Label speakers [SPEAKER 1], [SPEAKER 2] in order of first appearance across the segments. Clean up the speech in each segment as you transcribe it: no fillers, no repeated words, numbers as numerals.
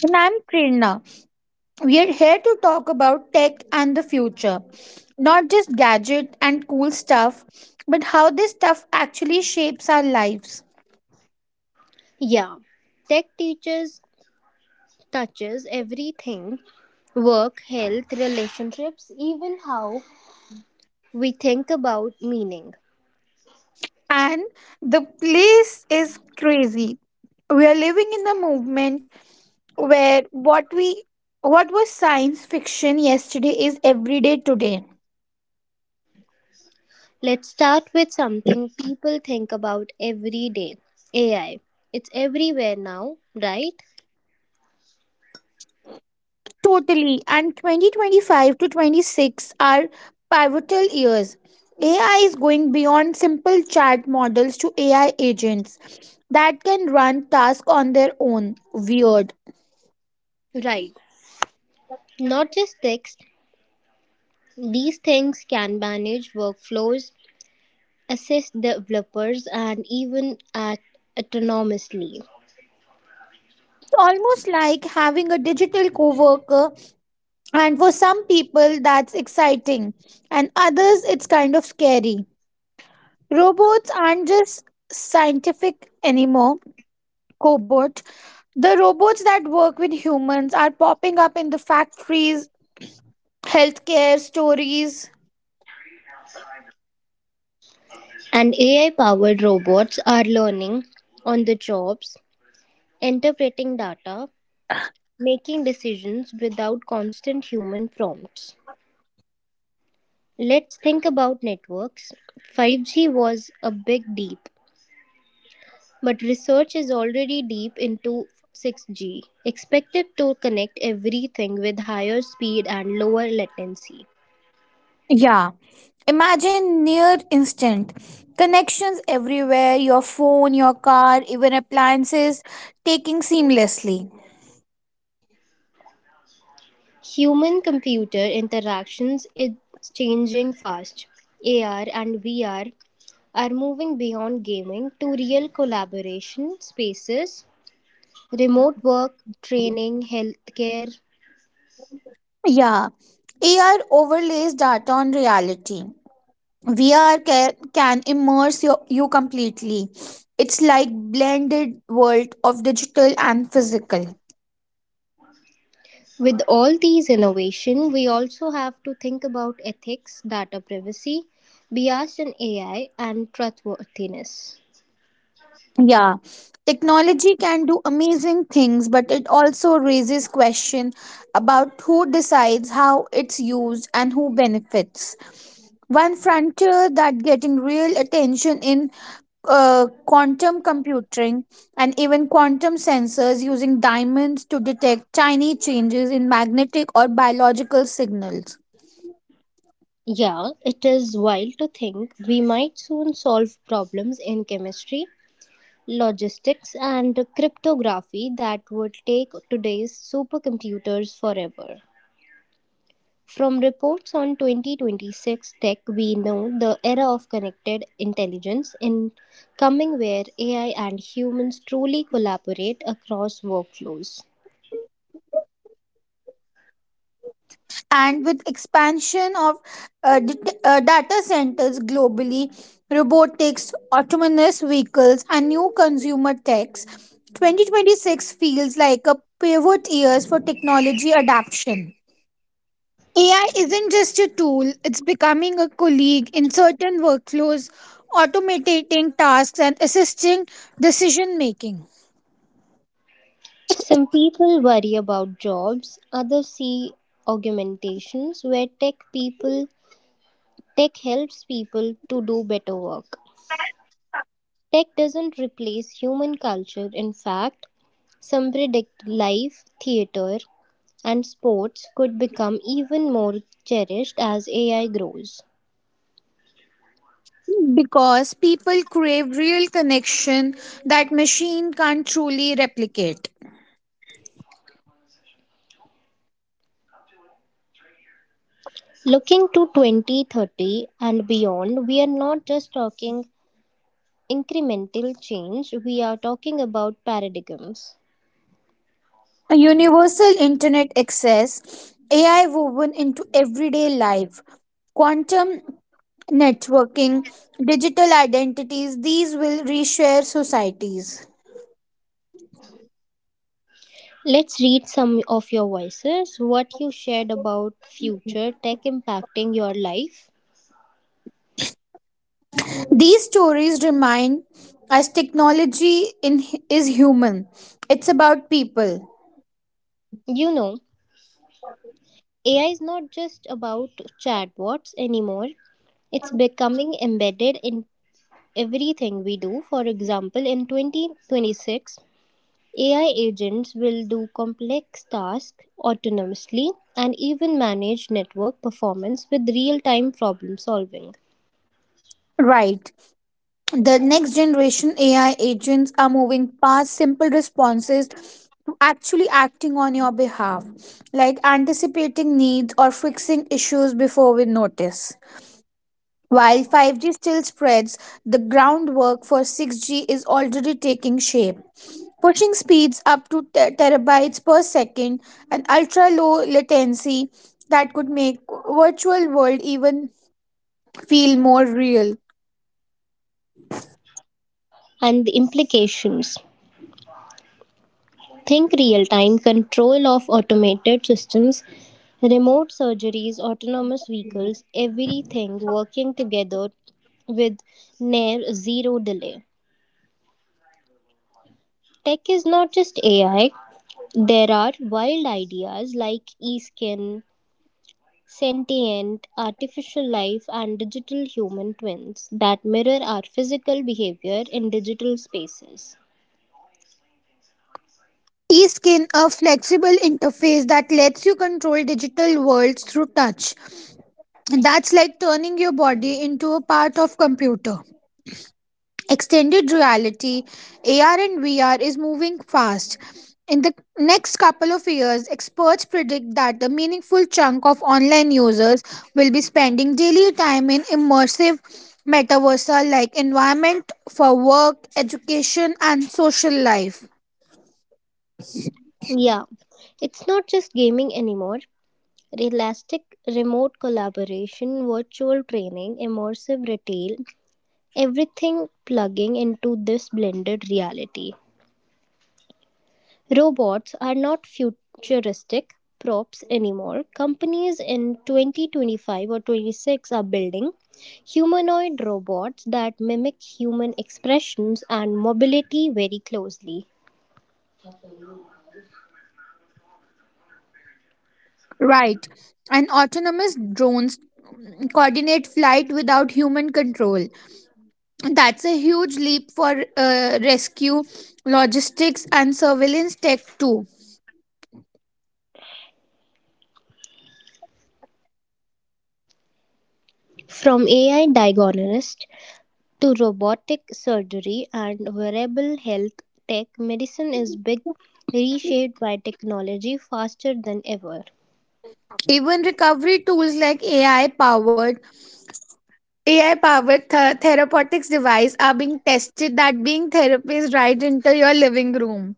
[SPEAKER 1] And I'm Prerna. We are here to talk about tech and the future. Not just gadget and cool stuff, but how this stuff actually shapes our lives.
[SPEAKER 2] Yeah, tech teaches touches everything, work, health, relationships, even how we think about meaning.
[SPEAKER 1] And the place is crazy. We are living in a movement where what was science fiction yesterday is everyday today.
[SPEAKER 2] Let's start with something people think about every day, AI. It's everywhere now, right?
[SPEAKER 1] Totally. And 2025 to 26 are pivotal years. AI is going beyond simple chat models to AI agents that can run tasks on their own. Weird.
[SPEAKER 2] Right. Not just text, these things can manage workflows, assist developers, and even act autonomously.
[SPEAKER 1] It's almost like having a digital coworker, and for some people, that's exciting, and others, it's kind of scary. Robots aren't just scientific anymore, cobot. The robots that work with humans are popping up in the factories healthcare stories.
[SPEAKER 2] And AI powered robots are learning on the jobs, interpreting data, making decisions without constant human prompts. Let's think about networks. 5G was a big deep, but research is already deep into 6G, expected to connect everything with higher speed and lower latency.
[SPEAKER 1] Yeah. Imagine near instant connections everywhere, your phone, your car, even appliances taking seamlessly.
[SPEAKER 2] Human computer interactions is changing fast. AR and VR are moving beyond gaming to real collaboration spaces, remote work, training, healthcare.
[SPEAKER 1] Yeah. AR overlays data on reality. VR can immerse your, you completely. It's like blended world of digital and physical.
[SPEAKER 2] With all these innovation, we also have to think about ethics, data privacy, bias in AI, and trustworthiness.
[SPEAKER 1] Yeah, technology can do amazing things, but it also raises question about who decides how it's used and who benefits. One frontier that getting real attention in quantum computing and even quantum sensors using diamonds to detect tiny changes in magnetic or biological signals.
[SPEAKER 2] Yeah, it is wild to think we might soon solve problems in chemistry, logistics, and cryptography that would take today's supercomputers forever. From reports on 2026 tech, we know the era of connected intelligence in coming where AI and humans truly collaborate across workflows.
[SPEAKER 1] And with expansion of uh, d- data centers globally, robotics, autonomous vehicles, and new consumer techs, 2026 feels like a pivot years for technology adoption. AI isn't just a tool, it's becoming a colleague in certain workflows, automating tasks and assisting decision making,
[SPEAKER 2] Some people worry about jobs, others see augmentations where tech helps people to do better work. Tech doesn't replace human culture, in fact, some predict live theater and sports could become even more cherished as AI grows.
[SPEAKER 1] because people crave real connection that machine can't truly replicate.
[SPEAKER 2] Looking to 2030 and beyond, we are not just talking incremental change, we are talking about paradigms.
[SPEAKER 1] A universal internet access, AI woven into everyday life, quantum networking, digital identities, these will reshare societies.
[SPEAKER 2] Let's read some of your voices, what you shared about future tech impacting your life.
[SPEAKER 1] These stories remind us technology in, is human, it's about people.
[SPEAKER 2] You know, AI is not just about chatbots anymore. It's becoming embedded in everything we do. For example, in 2026, AI agents will do complex tasks autonomously and even manage network performance with real time problem solving.
[SPEAKER 1] Right. The next generation AI agents are moving past simple responses to actually acting on your behalf, like anticipating needs or fixing issues before we notice. While 5G still spreads, the groundwork for 6G is already taking shape, pushing speeds up to terabytes per second and ultra low latency that could make virtual world even feel more real.
[SPEAKER 2] And the implications, think real time control of automated systems, remote surgeries, autonomous vehicles, everything working together with near zero delay. Tech is not just AI, there are wild ideas like e skin, sentient, artificial life, and digital human twins that mirror our physical behavior in digital spaces.
[SPEAKER 1] E-skin, a flexible interface that lets you control digital worlds through touch. That's like turning your body into a part of computer. Extended reality, AR and VR is moving fast. In the next couple of years, experts predict that a meaningful chunk of online users will be spending daily time in immersive metaversa like environment for work, education and social life.
[SPEAKER 2] Yeah, it's not just gaming anymore. Realistic remote collaboration, virtual training, immersive retail, everything plugging into this blended reality. Robots are not futuristic props anymore. Companies in 2025 or 26 are building humanoid robots that mimic human expressions and mobility very closely.
[SPEAKER 1] Right. And autonomous drones coordinate flight without human control. That's a huge leap for rescue, logistics, and surveillance tech too.
[SPEAKER 2] From AI diagonist to robotic surgery and wearable health tech, medicine is big reshaped by technology faster than ever.
[SPEAKER 1] Even recovery tools like AI powered therapeutics device are being tested that being therapies right into your living room.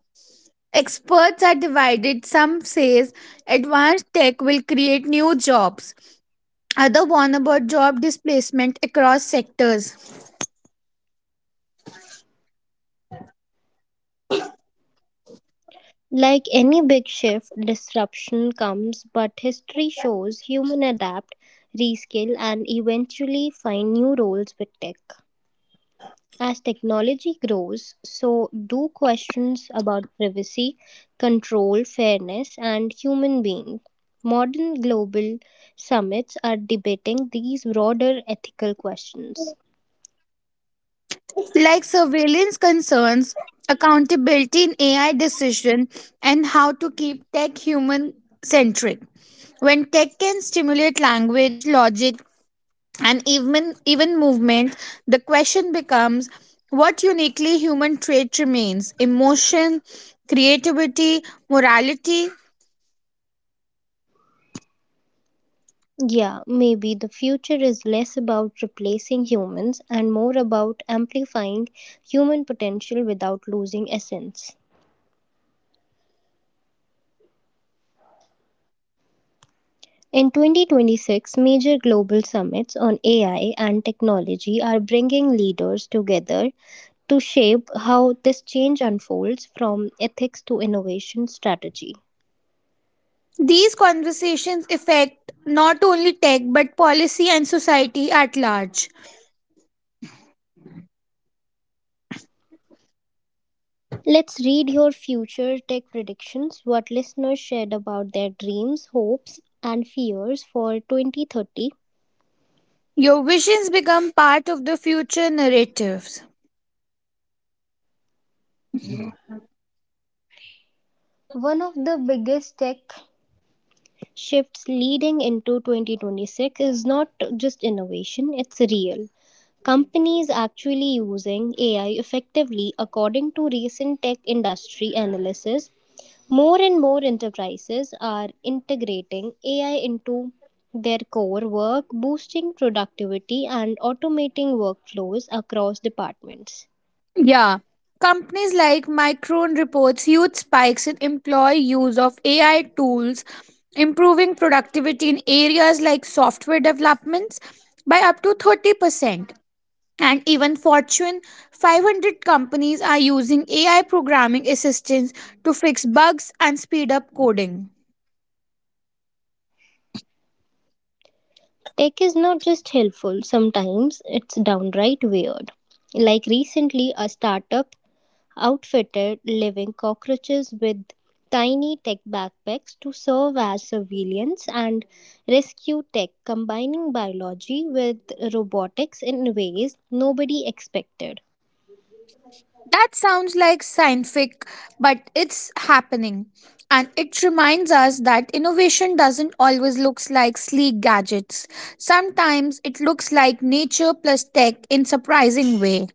[SPEAKER 1] Experts are divided. Some says advanced tech will create new jobs. Other warn about job displacement across sectors.
[SPEAKER 2] Like any big shift, disruption comes, but history shows human adapt, reskill, and eventually find new roles with tech. As technology grows, so do questions about privacy, control, fairness, and human being. Modern global summits are debating these broader ethical questions.
[SPEAKER 1] Like surveillance concerns, accountability in AI decision, and how to keep tech human centric. When tech can stimulate language, logic, and even movement, the question becomes what uniquely human trait remains emotion, creativity, morality.
[SPEAKER 2] Yeah, maybe the future is less about replacing humans and more about amplifying human potential without losing essence. In 2026, major global summits on AI and technology are bringing leaders together to shape how this change unfolds from ethics to innovation strategy.
[SPEAKER 1] These conversations affect not only tech but policy and society at large.
[SPEAKER 2] Let's read your future tech predictions, what listeners shared about their dreams, hopes, and fears for 2030.
[SPEAKER 1] Your visions become part of the future narrative.
[SPEAKER 2] One of the biggest tech shifts leading into 2026 is not just innovation, it's real. Companies actually using AI effectively, according to recent tech industry analysis, more and more enterprises are integrating AI into their core work, boosting productivity and automating workflows across departments.
[SPEAKER 1] Yeah. Companies like Micron reports huge spikes in employee use of AI tools, improving productivity in areas like software developments by up to 30%. And even Fortune 500 companies are using AI programming assistance to fix bugs and speed up coding.
[SPEAKER 2] Tech is not just helpful, sometimes it's downright weird. Like recently, a startup outfitted living cockroaches with tiny tech backpacks to serve as surveillance and rescue tech, combining biology with robotics in ways nobody expected.
[SPEAKER 1] That sounds like scientific, but it's happening. And it reminds us that innovation doesn't always look like sleek gadgets. Sometimes it looks like nature plus tech in surprising way.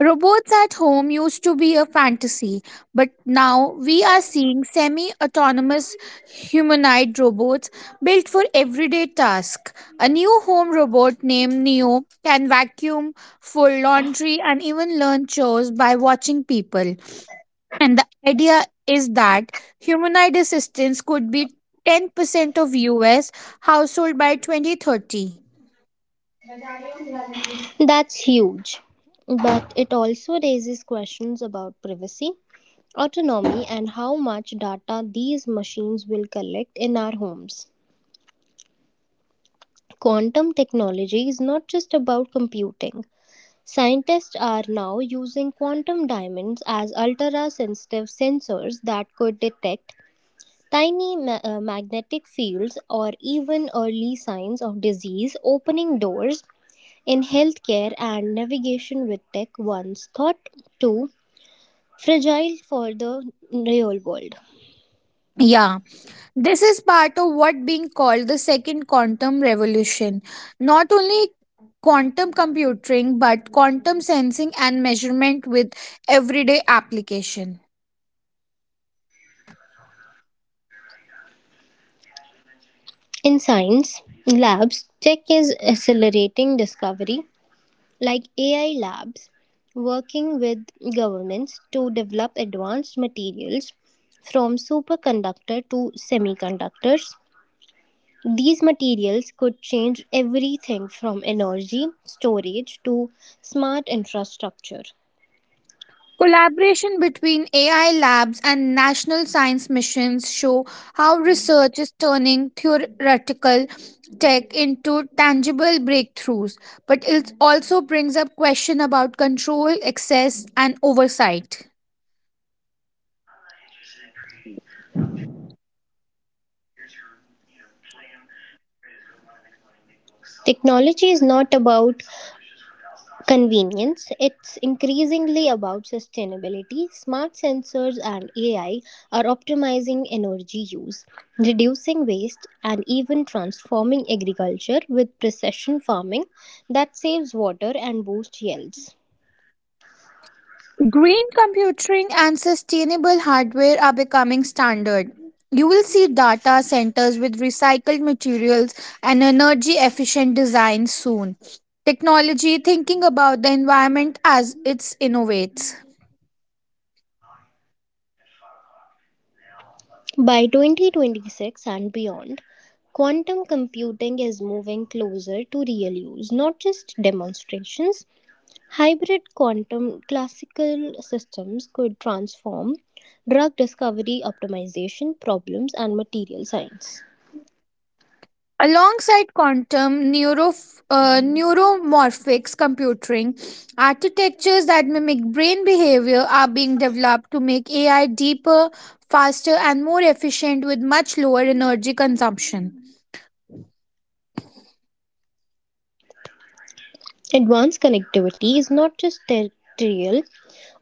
[SPEAKER 1] Robots at home used to be a fantasy, but now we are seeing semi autonomous humanoid robots built for everyday tasks. A new home robot named Neo can vacuum, fold laundry, and even learn chores by watching people. And the idea is that humanoid assistance could be 10% of US household by 2030.
[SPEAKER 2] That's huge. But it also raises questions about privacy, autonomy, and how much data these machines will collect in our homes. Quantum technology is not just about computing. Scientists are now using quantum diamonds as ultra sensitive sensors that could detect tiny magnetic fields or even early signs of disease, opening doors in healthcare and navigation with tech once thought too fragile for the real world.
[SPEAKER 1] Yeah. This is part of what being called the second quantum revolution. Not only quantum computing but quantum sensing and measurement with everyday application.
[SPEAKER 2] In science labs, tech is accelerating discovery like AI labs working with governments to develop advanced materials from superconductor to semiconductors. These materials could change everything from energy storage to smart infrastructure.
[SPEAKER 1] Collaboration between AI labs and national science missions show how research is turning theoretical tech into tangible breakthroughs, but it also brings up question about control, access and oversight.
[SPEAKER 2] Technology is not about convenience. It's increasingly about sustainability. Smart sensors and AI are optimizing energy use, reducing waste, and even transforming agriculture with precision farming that saves water and boosts yields.
[SPEAKER 1] Green computing and sustainable hardware are becoming standard. You will see data centers with recycled materials and energy efficient design soon. Technology thinking about the environment as it innovates.
[SPEAKER 2] By 2026 and beyond, quantum computing is moving closer to real use, not just demonstrations. Hybrid quantum classical systems could transform drug discovery optimization problems and material science.
[SPEAKER 1] Alongside quantum neuromorphics computing, architectures that mimic brain behavior are being developed to make AI deeper, faster, and more efficient with much lower energy consumption. This
[SPEAKER 2] Advanced connectivity is not just terrestrial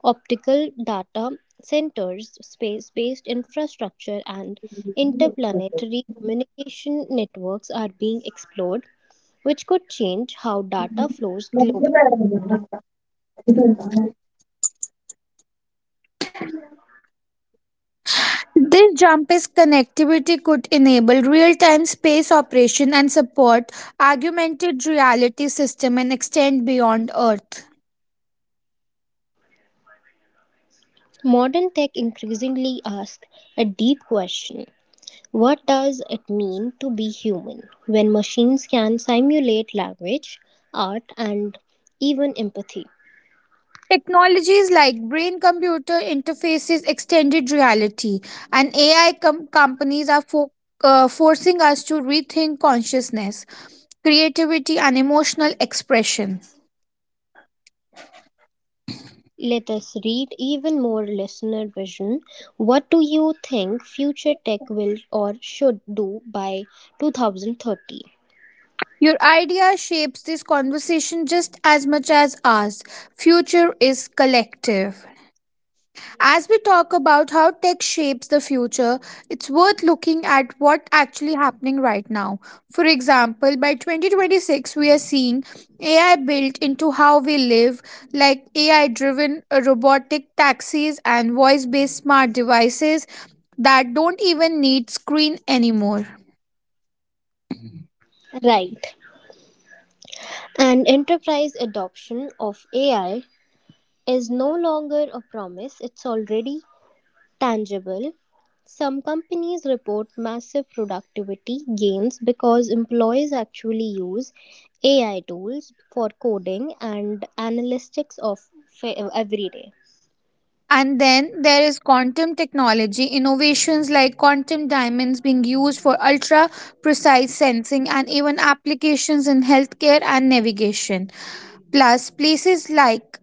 [SPEAKER 2] optical data centers, space based infrastructure, and interplanetary communication networks are being explored, which could change how data flows globally.
[SPEAKER 1] jump's connectivity could enable real-time space operation and support augmented reality system and extend beyond Earth.
[SPEAKER 2] Modern tech increasingly asks a deep question, what does it mean to be human when machines can simulate language, art, and even empathy?
[SPEAKER 1] Technologies like brain computer interfaces, extended reality, and AI com- companies are fo- forcing us to rethink consciousness, creativity, and emotional expression.
[SPEAKER 2] Let us read even more listener vision. What do you think future tech will or should do by 2030?
[SPEAKER 1] Your idea shapes this conversation just as much as ours. Future is collective. As we talk about how tech shapes the future, it's worth looking at what actually happening right now. For example, by 2026 we are seeing AI built into how we live, like AI driven robotic taxis and voice based smart devices that don't even need screen anymore.
[SPEAKER 2] Right. And enterprise adoption of AI is no longer a promise, it's already tangible. Some companies report massive productivity gains because employees actually use AI tools for coding and analytics of fa- every day.
[SPEAKER 1] And then there is quantum technology, innovations like quantum diamonds being used for ultra precise sensing and even applications in healthcare and navigation. Plus, places like,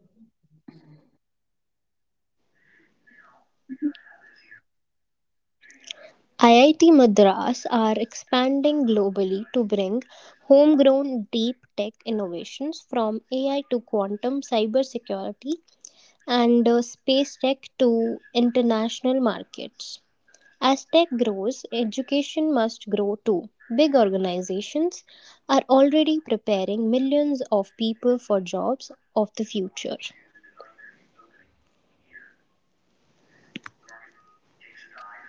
[SPEAKER 2] IIT Madras are expanding globally to bring homegrown deep tech innovations from AI to quantum cybersecurity and space tech to international markets. As tech grows, education must grow too. Big organizations are already preparing millions of people for jobs of the future.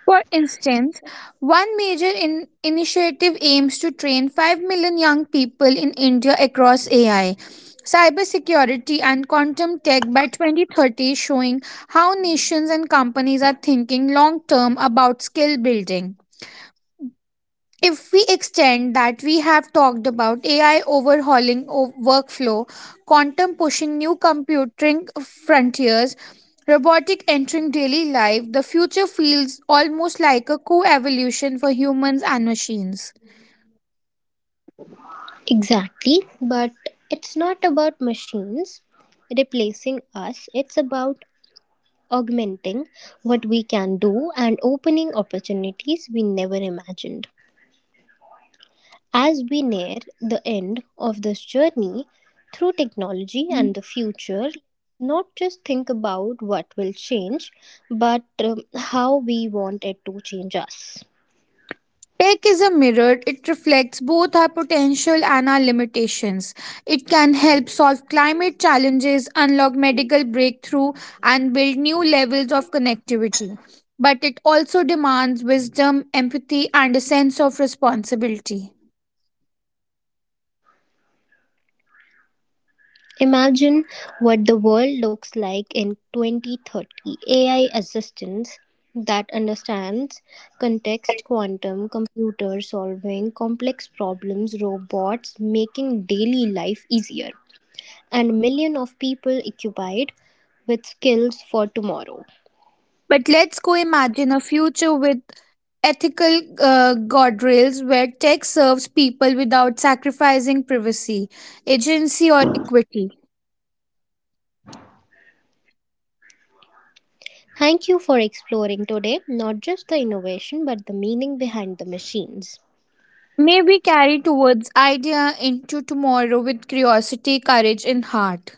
[SPEAKER 1] for instance, one major initiative aims to train 5 million young people in India across AI, cybersecurity, and quantum tech by 2030, showing how nations and companies are thinking long term about skill building. If we extend that, we have talked about AI overhauling workflow, quantum pushing new computing frontiers, robotic entering daily life. The future feels almost like a co-evolution for humans and machines.
[SPEAKER 2] Exactly, but it's not about machines replacing us, it's about augmenting what we can do and opening opportunities we never imagined. As we near the end of this journey through technology and the future, not just think about what will change, but how we want it to change us.
[SPEAKER 1] Tech is a mirror, it reflects both our potential and our limitations. It can help solve climate challenges, unlock medical breakthrough, and build new levels of connectivity. But it also demands wisdom, empathy, and a sense of responsibility.
[SPEAKER 2] Imagine what the world looks like in 2030. AI assistants that understands context, quantum, computer solving complex problems, robots making daily life easier, and millions of people occupied with skills for tomorrow.
[SPEAKER 1] But let's go imagine a future with ethical guardrails where tech serves people without sacrificing privacy, agency, or equity.
[SPEAKER 2] Thank you for exploring today not just the innovation but the meaning behind the machines.
[SPEAKER 1] May we carry towards idea into tomorrow with curiosity, courage, and heart.